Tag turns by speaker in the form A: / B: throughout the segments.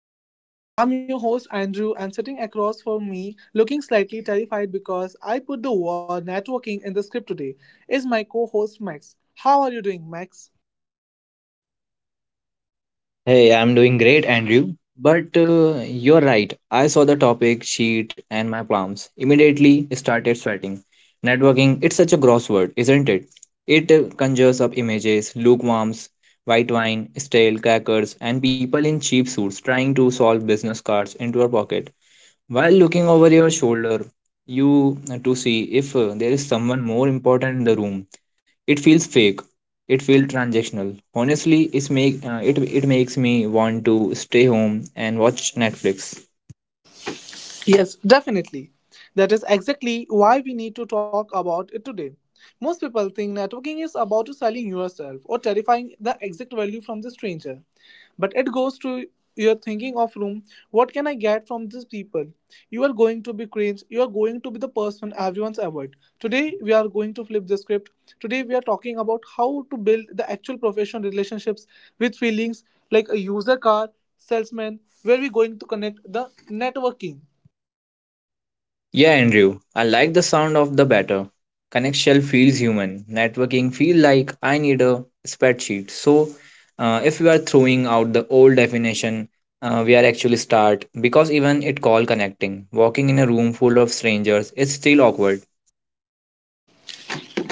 A: Blueprint. I'm your host Andrew, and sitting across from me, looking slightly terrified because I put the word networking in the script today, is my co-host Max. How are you doing, Max?
B: Hey, I'm doing great, Andrew. But you're right. I saw the topic sheet and my palms immediately started sweating. Networking, it's such a gross word, isn't it? It conjures up images, lukewarms, white wine, stale crackers, and people in cheap suits trying to solve business cards into your pocket. While looking over your shoulder, you to see if there is someone more important in the room, it feels fake, it feels transactional, honestly it it makes me want to stay home and watch Netflix.
A: Yes, definitely. That is exactly why we need to talk about it today. Most people think networking is about to selling yourself or terrifying the exact value from the stranger. But it goes to your thinking of room, what can I get from these people? You are going to be cringe, you are going to be the person everyone's avoid. Today we are going to flip the script. Today we are talking about how to build the actual professional relationships with feelings like a user car salesman where we going to connect the networking.
B: Yeah, Andrew, I like the sound of the better. Connect shell feels human, networking feel like I need a spreadsheet. So if we are throwing out the old definition, we are actually start, because even it call connecting, walking in a room full of strangers is still awkward.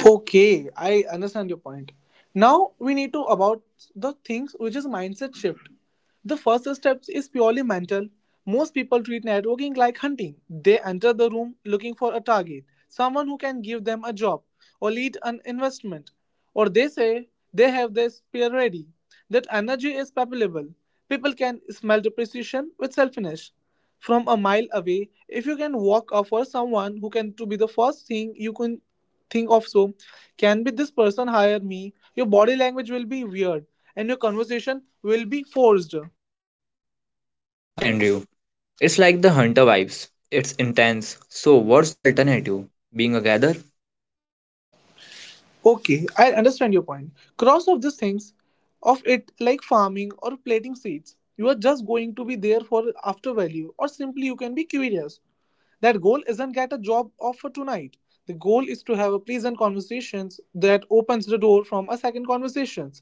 A: Okay, I understand your point. Now we need to about the things which is mindset shift. The first step is purely mental. Most people treat networking like hunting. They enter the room looking for a target, someone who can give them a job or lead an investment, or they say they have their spear ready. That energy is palpable. People can smell the precision with selfishness. From a mile away, if you can walk up for someone who can to be the first thing you can think of so, can be this person hire me? Your body language will be weird and your conversation will be forced.
B: Right, Andrew. It's like the hunter vibes. It's intense. So, what's the alternative? Being a gather?
A: Okay, I understand your point. Cross of these things, of it like farming or planting seeds, you are just going to be there for after value, or simply you can be curious. That goal isn't get a job offer tonight. The goal is to have a pleasant conversations that opens the door from a second conversations.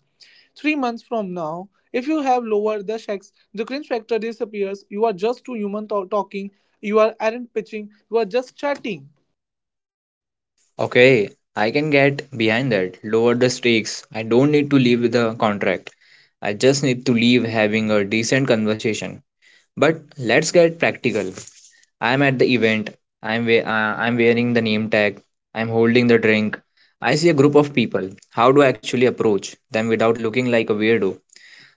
A: 3 months from now, if you have lowered the checks, the cringe factor disappears. You are just talking. You are aren't pitching. You are just chatting.
B: Okay, I can get behind that. Lower the stakes. I don't need to leave with a contract. I just need to leave having a decent conversation. But let's get practical. I'm at the event. I'm wearing the name tag. I'm holding the drink. I see a group of people. How do I actually approach them without looking like a weirdo?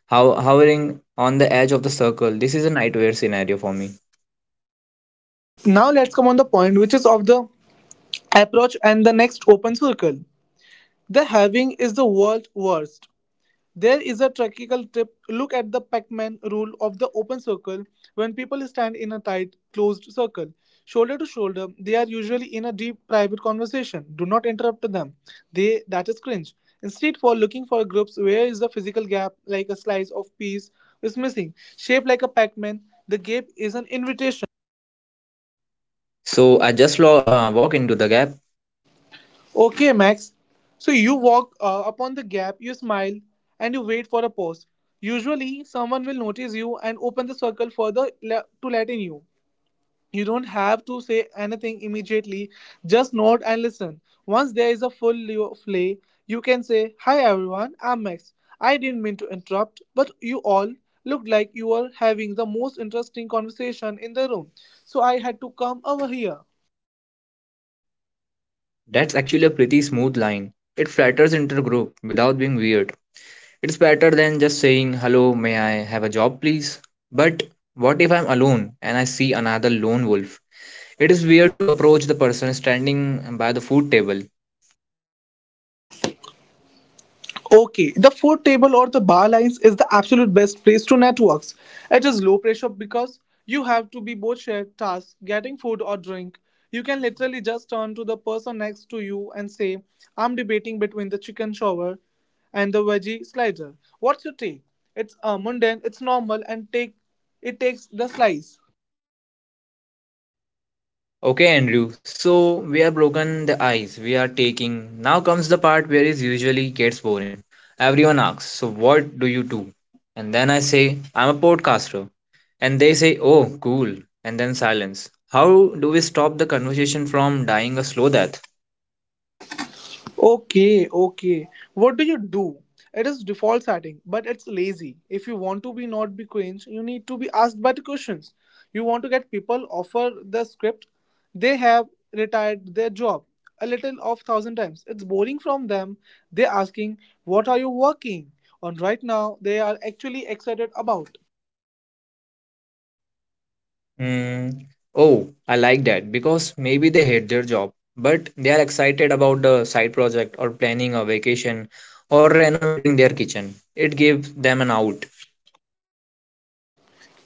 B: How hovering on the edge of the circle. This is a nightmare scenario for me.
A: Now let's come on the point, which is of the approach and the next open circle. The having is the world worst. There is a tactical tip. Look at the Pac-Man rule of the open circle. When people stand in a tight, closed circle, shoulder to shoulder, they are usually in a deep private conversation. Do not interrupt them. They that is cringe. Instead, for looking for groups where is the physical gap, like a slice of piece is missing, shaped like a Pac-Man, the gap is an invitation.
B: So I just walk into the gap.
A: Okay, Max. So you walk upon the gap, you smile, and you wait for a pause. Usually, someone will notice you and open the circle further to let in you. You don't have to say anything immediately, just nod and listen. Once there is a full play, you can say, Hi everyone, I'm Max. I didn't mean to interrupt, but you all looked like you were having the most interesting conversation in the room, so I had to come over here.
B: That's actually a pretty smooth line. It flatters into the group without being weird. It's better than just saying, "Hello, may I have a job, please?" But what if I'm alone and I see another lone wolf? It is weird to approach the person standing by the food table.
A: Okay, the food table or the bar lines is the absolute best place to networks. It is low pressure because you have to be both shared tasks, getting food or drink. You can literally just turn to the person next to you and say, I'm debating between the chicken shower and the veggie slider. What's your take? It's mundane, it's normal, and take it takes the slice.
B: Okay, Andrew, so we have broken the ice we are taking. Now comes the part where it usually gets boring. Everyone asks, "So what do you do?" And then I say, "I'm a podcaster." And they say, "Oh, cool," and then silence. How do we stop the conversation from dying a slow death?
A: Okay, okay. What do you do? It is default setting, but it's lazy. If you want to be not be cringe, you need to be asked better questions. You want to get people offer the script. They have retired their job a little of thousand times. It's boring from them. They're asking, what are you working on right now? They are actually excited about.
B: Hmm. Oh, I like that because maybe they hate their job, but they are excited about the side project or planning a vacation or renovating their kitchen. It gives them an out.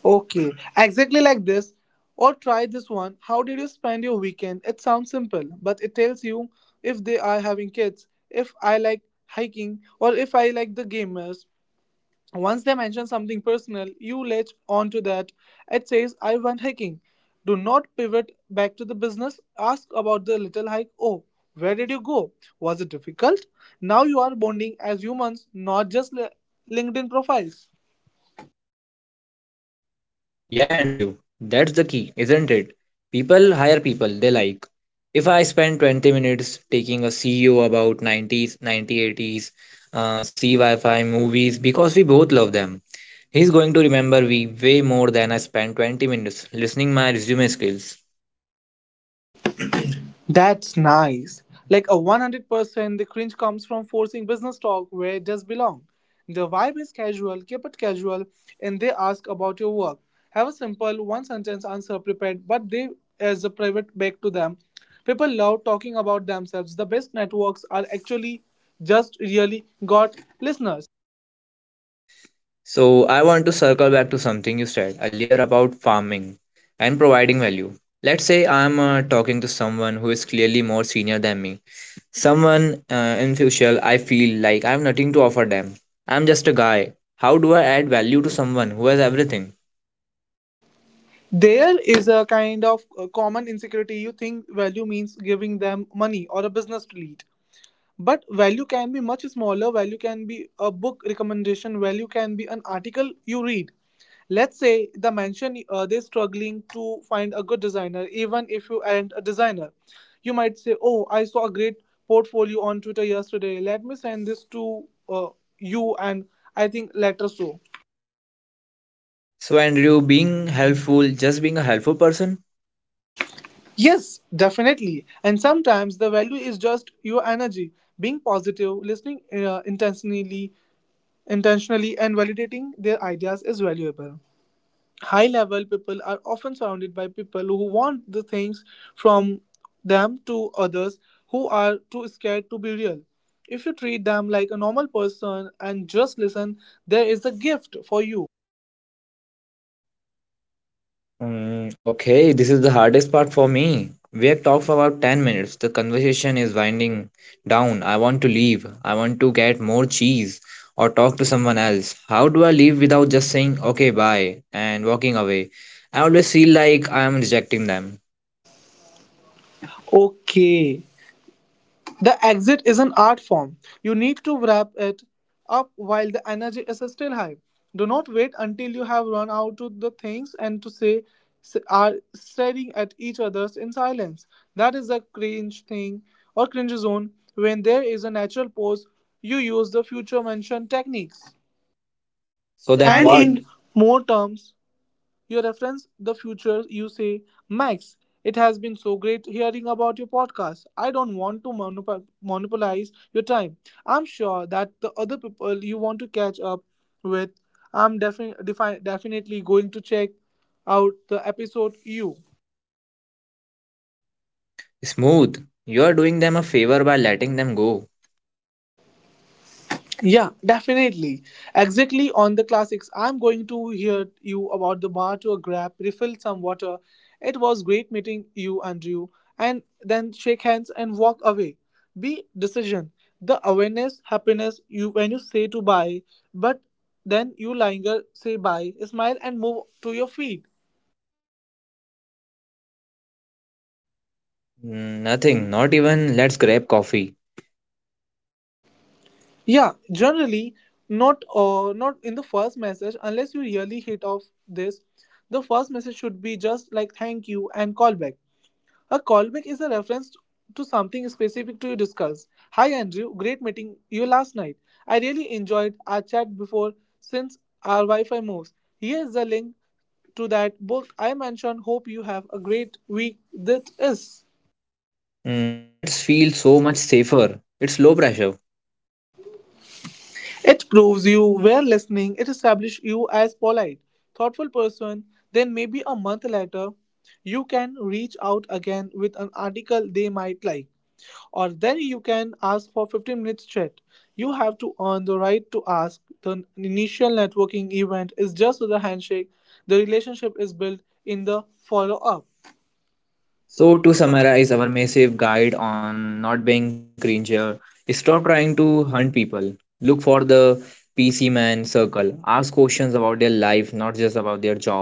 A: Okay, exactly like this. Or try this one. How did you spend your weekend? It sounds simple, but it tells you if they are having kids, if I like hiking, or if I like the gamers. Once they mention something personal, you latch onto that. It says, I went hiking. Do not pivot back to the business. Ask about the little hike. Oh, where did you go? Was it difficult? Now you are bonding as humans, not just LinkedIn profiles.
B: Yeah, Andrew, that's the key, isn't it? People hire people they like. If I spend 20 minutes taking a CEO about '90s, '90-'80s, CYFI movies because we both love them, he's going to remember me way more than I spent 20 minutes listening my resume skills.
A: That's nice. Like a 100% the cringe comes from forcing business talk where it does belong. The vibe is casual, keep it casual, and they ask about your work. Have a simple one sentence answer prepared, but they as a private back to them. People love talking about themselves. The best networks are actually just really got listeners.
B: So I want to circle back to something you said earlier about farming and providing value. Let's say I'm talking to someone who is clearly more senior than me. Someone in future I feel like I have nothing to offer them. I'm just a guy. How do I add value to someone who has everything?
A: There is a kind of common insecurity. You think value means giving them money or a business lead, but value can be much smaller. Value can be a book recommendation, value can be an article you read. Let's say the mention they're struggling to find a good designer. Even if you aren't a designer, you might say, oh, I saw a great portfolio on Twitter yesterday, let me send this to you and I think later so.
B: So Andrew, being helpful, just being a helpful person.
A: Yes, definitely. And sometimes the value is just your energy, being positive, listening intentionally. Intentionally and validating their ideas is valuable. High level people are often surrounded by people who want the things from them to others who are too scared to be real. If you treat them like a normal person and just listen, there is a gift for you.
B: Mm, okay, this is the hardest part for me. We have talked for about 10 minutes. The conversation is winding down. I want to leave. I want to get more cheese or talk to someone else. How do I leave without just saying, "Okay, bye," and walking away? I always feel like I am rejecting them.
A: Okay, the exit is an art form. You need to wrap it up while the energy is still high. Do not wait until you have run out of the things and to say are staring at each other in silence. That is a cringe thing or cringe zone. When there is a natural pause, you use the future mention techniques. So
B: So
A: then,
B: then
A: and
B: and
A: what?
B: what?
A: In
B: In
A: more terms, you reference the future. You say, Max, it has been so great hearing about your podcast. I don't want to monopolize your time. I'm sure that the other people you want to catch up with, I'm definitely going to check out the episode you.
B: smooth. You are doing them a favor by letting them go.
A: Yeah, definitely. Exactly on the classics. I'm going to hear you about the bar to a grab, refill some water. It was great meeting you, Andrew. And then shake hands and walk away. Be decision. The awareness, happiness, you when you say to bye, but then you linger, say bye, smile and move to your feet.
B: Mm, nothing, not even let's grab coffee.
A: Yeah, generally not not in the first message unless you really hit off this. The first message should be just like thank you and call back. A callback is a reference to something specific to your discuss. Hi Andrew, great meeting you last night. I really enjoyed our chat before since our Wi-Fi moves. Here's the link to that book I mentioned. Hope you have a great week. This is.
B: Mm, that feels so much safer. It's low pressure.
A: It proves you were listening. It establishes you as polite, thoughtful person. Then maybe a month later, you can reach out again with an article they might like, or then you can ask for 15 minutes chat. You have to earn the right to ask. The initial networking event is just the handshake. The relationship is built in the follow up.
B: So,
A: So,
B: to
A: to summarize,
B: summarize our massive guide on not being cringer, stop trying to hunt people. Look for the PC man circle. Ask questions about their life, not just about their job.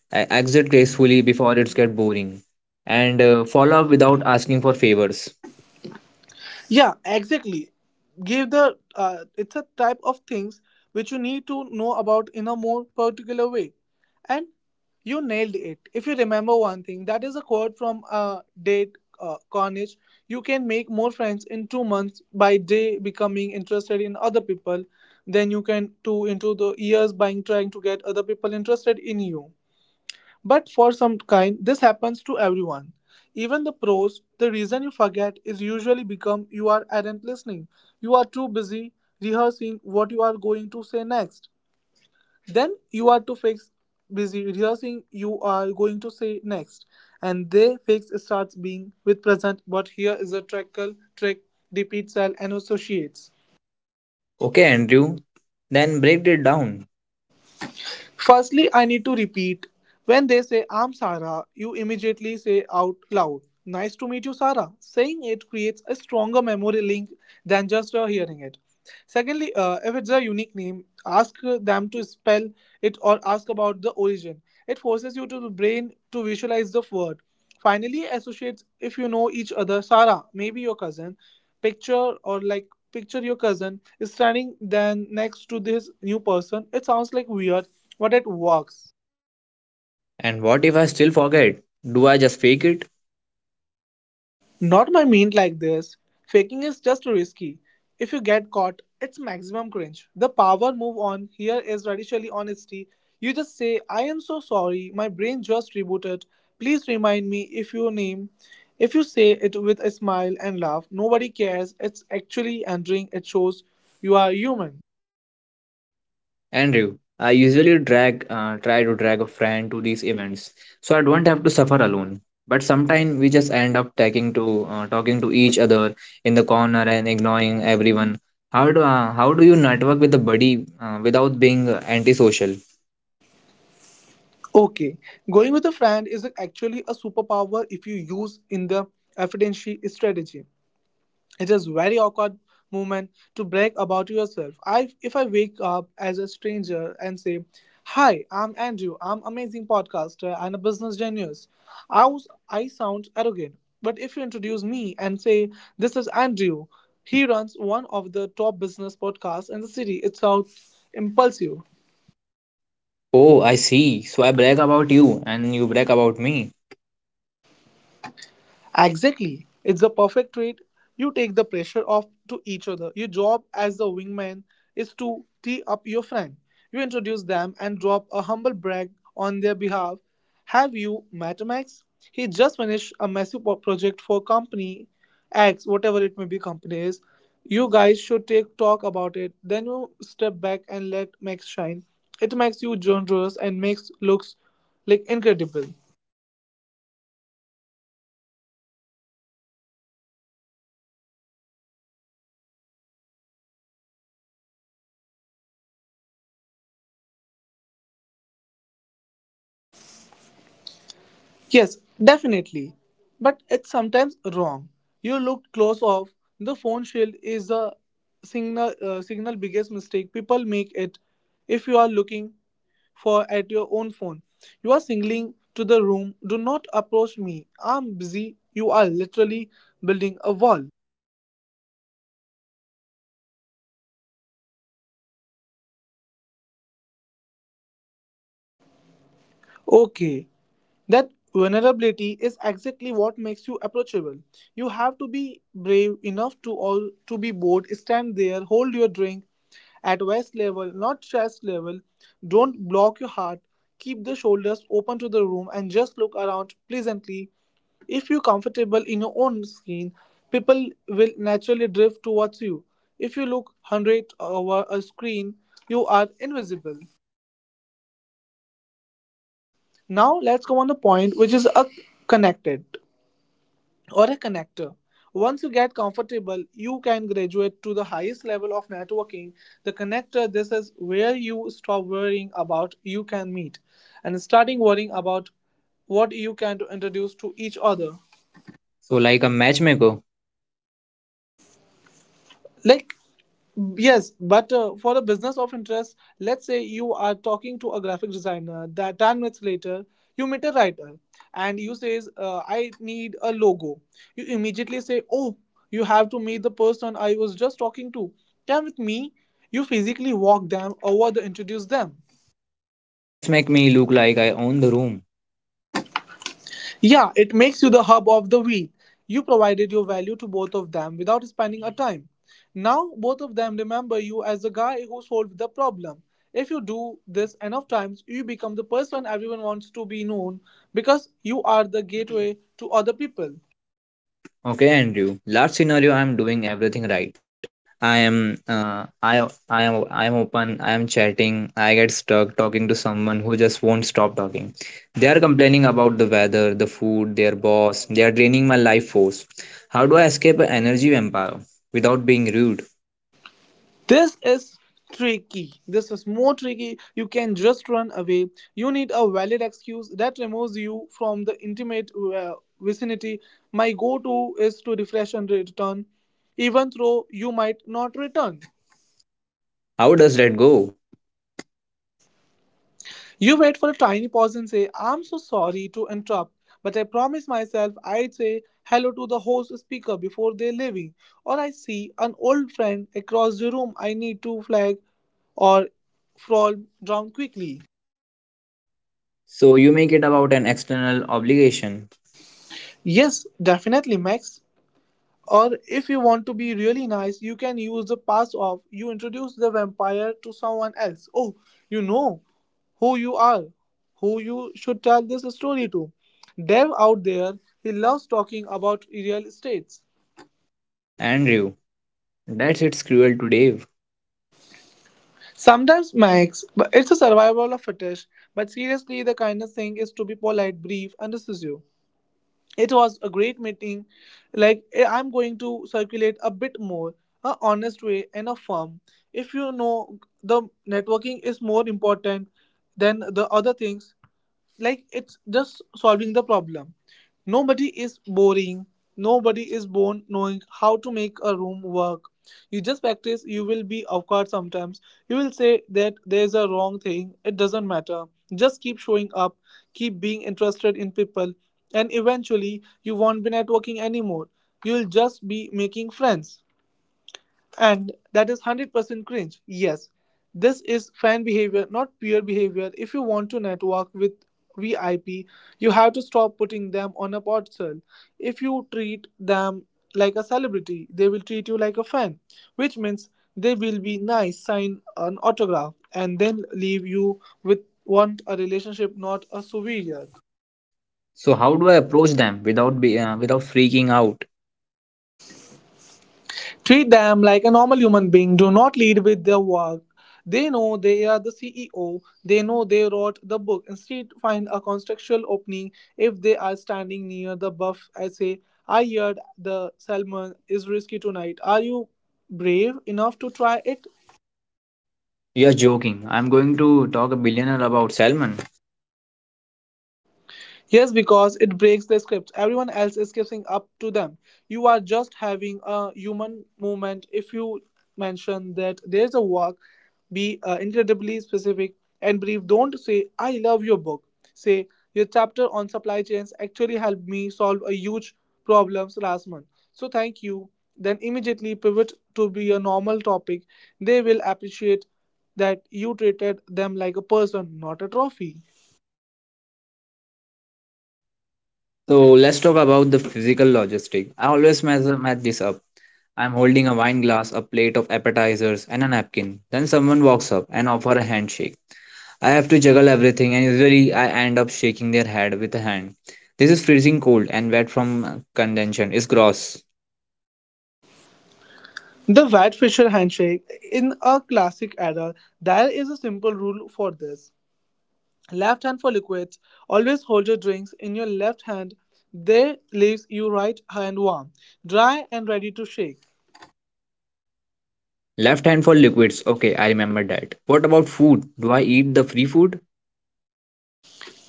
B: Exit gracefully before it's get boring. And follow up without asking for favors.
A: yeah, exactly. Give the it's a type of things which you need to know about in a more particular way, and you nailed it. If you remember one thing, that is a quote from Date Carnage. You can make more friends in 2 months by day becoming interested in other people than you can two into the years by trying to get other people interested in you. But for some kind, this happens to everyone. Even the pros, the reason you forget is usually become you are aren't listening. You are too busy rehearsing what you are going to say next. Then you are too fix busy rehearsing you are going to say next. And they fix starts being with present, but here is a trickle trick, repeats and associates.
B: Okay, Andrew? Then break it down.
A: Firstly, I need to repeat. When they say, I'm Sarah, you immediately say out loud, nice to meet you, Sarah. Saying it creates a stronger memory link than just hearing it. Secondly, if it's a unique name, ask them to spell it or ask about the origin. It forces you to the brain to visualize the word. Finally, associates, if you know each other, Sarah, maybe your cousin, picture or like picture your cousin is standing then next to this new person. It sounds like weird, but it works.
B: And what if I still forget? Do I just fake it?
A: Not by mean like this. Faking is just risky. If you get caught, it's maximum cringe. The power move on here is radically honesty. You just say, I am so sorry, my brain just rebooted. Please remind me if your name. If you say it with a smile and laugh, nobody cares. It's actually entering, it shows you are human.
B: Andrew, I usually drag try to drag a friend to these events so I don't have to suffer alone. But sometimes we just end up talking to each other in the corner and ignoring everyone. How do you network with a buddy without being antisocial?
A: Okay, going with a friend is actually a superpower if you use in the efficiency strategy. It is very awkward moment to brag about yourself. I if I wake up as a stranger and say, "Hi, I'm Andrew. I'm amazing podcaster and a business genius." I sound arrogant, but if you introduce me and say, "This is Andrew. He runs one of the top business podcasts in the city," it sounds impulsive.
B: Oh, I see. So I brag about you and you brag about me.
A: Exactly. It's a perfect trade. You take the pressure off to each other. Your job as the wingman is to tee up your friend. You introduce them and drop a humble brag on their behalf. Have you met Max? He just finished a massive project for company X, whatever it may be, company is. You guys should take talk about it. Then you step back and let Max shine. It makes you generous and makes looks like incredible.
B: So let's talk about what you do with my hands. I feel like whenever I get nervous, I pull out my phone. It's my security blanket. If I'm looking at emails, I look busy and important, right?
A: Yes, definitely. But it's sometimes wrong. You looked close off. The phone shield is the signal biggest mistake people make it if you are looking for at your own phone. You are singling to the room. Do not approach me. I'm busy. You are literally building a wall.
B: But standing there doing nothing feels so exposed.
A: Okay, that vulnerability is exactly what makes you approachable. You have to be brave enough to all to be bold, stand there, hold your drink at waist level, not chest level. Don't block your heart. Keep the shoulders open to the room and just look around pleasantly. If you're comfortable in your own skin, people will naturally drift towards you. If you look 100 over a screen, you are invisible. Now let's come on the point which is connected. Or a connector. Once you get comfortable, you can graduate to the highest level of networking. The connector, this is where you stop worrying about you can meet and starting worrying about what you can to introduce to each other.
B: So like a matchmaker,
A: Like yes, but for a business of interest, let's say you are talking to a graphic designer that 10 minutes later you meet a writer and you says, I need a logo. You immediately say, oh, you have to meet the person I was just talking to. Come with me. You physically walk them over the introduce them.
B: let's make me look like I own the room.
A: Yeah, it makes you the hub of the wheat. You provided your value to both of them without spending a time. Now, both of them remember you as the guy who solved the problem. If you do this enough times, you become the person everyone wants to be known because you are the gateway to other people.
B: Okay, Andrew. Last scenario, I'm doing everything right. I am open. I am chatting. I get stuck talking to someone who just won't stop talking. They are complaining about the weather, the food, their boss. They are draining my life force. How do I escape an energy vampire without being rude?
A: This is tricky. This is more tricky. You can just run away. You need a valid excuse that removes you from the intimate uh, vicinity. My go to is to refresh and return, even though you might not return.
B: How does that go?
A: You wait for a tiny pause and say, I'm so sorry to interrupt, but I promise myself I'd say hello to the host speaker before they're leaving. Or I see an old friend across the room I need to flag or fall down quickly.
B: So you make it about an external obligation.
A: Yes, definitely, Max. Or if you want to be really nice, you can use the pass off. You introduce the vampire to someone else. Oh, you know who you are, who you should tell this story to. Dev out there, he loves talking about real estates.
B: Andrew, that's it's cruel to Dave.
A: Sometimes, Max, but it's a survival of fittest. But seriously, the kindest thing is to be polite, brief, and decisive. It was a great meeting like I'm going to circulate a bit more, a honest way and a firm. If you know the networking is more important than the other things, like it's just solving the problem. Nobody is boring. Nobody is born knowing how to make a room work. You just practice, you will be awkward sometimes. You will say that there's a wrong thing, it doesn't matter. Just keep showing up, keep being interested in people, and eventually you won't be networking anymore. You'll just be making friends. And that is 100% cringe. Yes, this is fan behavior, not peer behavior. If you want to network with VIP, you have to stop putting them on a pedestal. If you treat them like a celebrity, they will treat you like a fan, which means they will be nice, sign an autograph, and then leave you with want a relationship, not a souvenir.
B: So how do I approach them without be without freaking out?
A: Treat them like a normal human being. Do not lead with their work. They know they are the CEO. They know they wrote the book. Instead, find a contextual opening if they are standing near the buff. I say, I heard the salmon is risky tonight. Are you brave enough to try it?
B: You're joking. I'm going to talk a billionaire about salmon.
A: Yes, because it breaks the script. Everyone else is kissing up to them. You are just having a human movement. If you mention that there's a walk, be incredibly specific and brief. Don't say, I love your book. Say, your chapter on supply chains actually helped me solve a huge problems last month. So thank you. Then immediately pivot to be a normal topic. They will appreciate that you treated them like a person, not a trophy.
B: So let's talk about the physical logistic. I always measure match this up. I'm holding a wine glass, a plate of appetizers, and a napkin. Then someone walks up and offer a handshake. I have to juggle everything, and usually I end up shaking their head with a hand. This is freezing cold and wet from condension. It's gross.
A: The Vat Fisher handshake. In a classic error, there is a simple rule for this. Left hand for liquids. Always hold your drinks in your left hand. There leaves you right hand warm, dry, and ready to shake.
B: Left hand for liquids. Okay, I remember that. What about food? Do I eat the free food?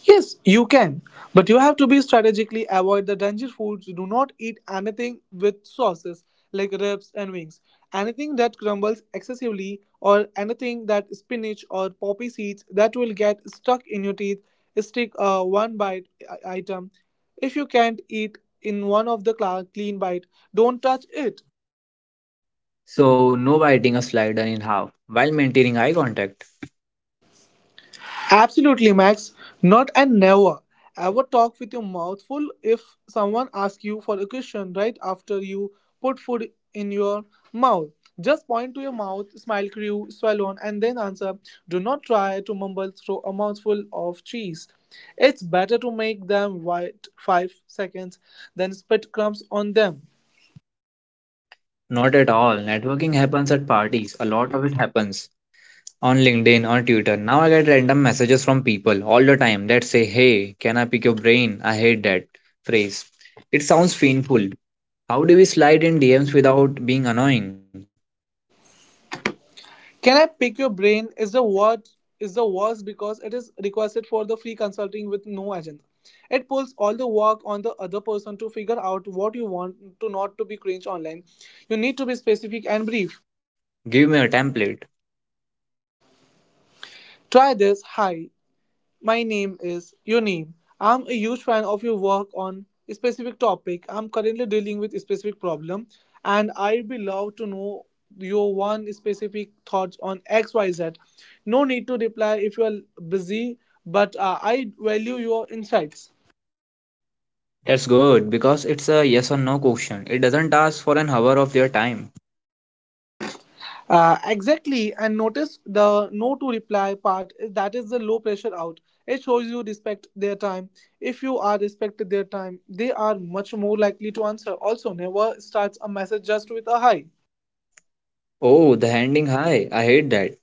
A: Yes, you can, but you have to be strategically avoid the danger foods. Do not eat anything with sauces like ribs and wings. Anything that crumbles excessively or anything that spinach or poppy seeds that will get stuck in your teeth. Stick a one bite item. If you can't eat in one of the clean bite, don't touch it.
B: So, no biting a slider in half while maintaining eye contact.
A: Absolutely, Max. Not and never. Ever talk with your mouth full if someone asks you for a question right after you put food in your mouth. Just point to your mouth, smile, crew, swallow, on, and then answer. Do not try to mumble through a mouthful of cheese. It's better to make them wait 5 seconds than spit crumbs on them.
B: Not at all. Networking happens at parties. A lot of it happens on LinkedIn, on Twitter. Now I get random messages from people all the time that say, "Hey, can I pick your brain?" I hate that phrase. It sounds painful. How do we slide in DMs without being annoying?
A: "Can I pick your brain" is the worst because it is requested for the free consulting with no agenda. It pulls all the work on the other person to figure out what you want to not to be cringe online. You need to be specific and brief.
B: Give me a template.
A: Try this. Hi, my name is your name. I'm a huge fan of your work on a specific topic. I'm currently dealing with a specific problem, and I'd be love to know your one specific thoughts on XYZ. No need to reply if you are busy, but I value your insights.
B: That's good because it's a yes or no question. It doesn't ask for an hour of their time.
A: Exactly, and notice the no to reply part is that is the low pressure out. It shows you respect their time. If you are respected their time, they are much more likely to answer. Also, never starts a message just with a hi.
B: Oh, the ending hi. I hate that.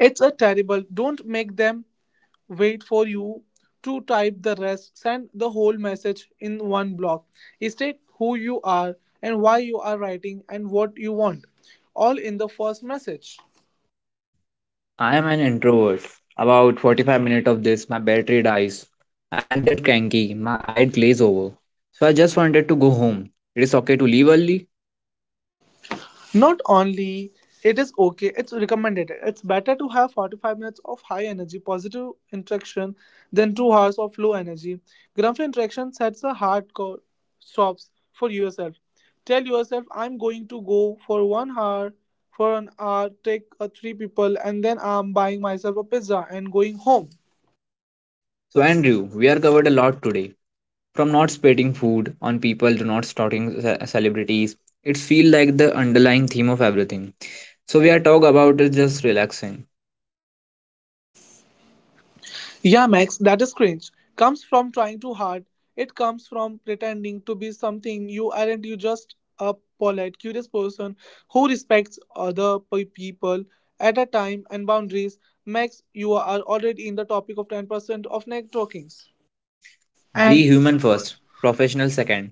A: It's a terrible. Don't make them wait for you to type the rest. Send the whole message in one block. State who you are and why you are writing and what you want, all in the first message.
B: I am an introvert. About 45 minutes of this, my battery dies. I get cranky, my eye glaze over. So I just wanted to go home. It is okay to leave early.
A: Not only it is okay, it's recommended. It's better to have 45 minutes of high energy positive interaction than 2 hours of low energy. Grumpy interaction sets a hardcore stops for yourself. Tell yourself, I'm going to go for 1 hour for an hour, take a 3 people, and then I'm buying myself a pizza and going home.
B: So, Andrew, we are covered a lot today. From not spitting food on people to not starting celebrities, it feels like the underlying theme of everything. So, we are talk about is just relaxing.
A: Yeah, Max, that is cringe. Comes from trying too hard. It comes from pretending to be something you aren't. You just a polite, curious person who respects other people at a time and boundaries. Max, you are already in the topic of 10% of networkings.
B: And be
A: And Be
B: human
A: human
B: first,
A: first.
B: professional second.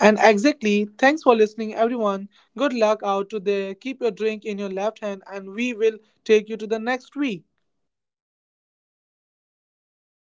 A: And exactly, thanks for listening, everyone. Good luck out to there. Keep your drink in your left hand, and we will take you to the next week.
B: Yeah, thanks, Andrew.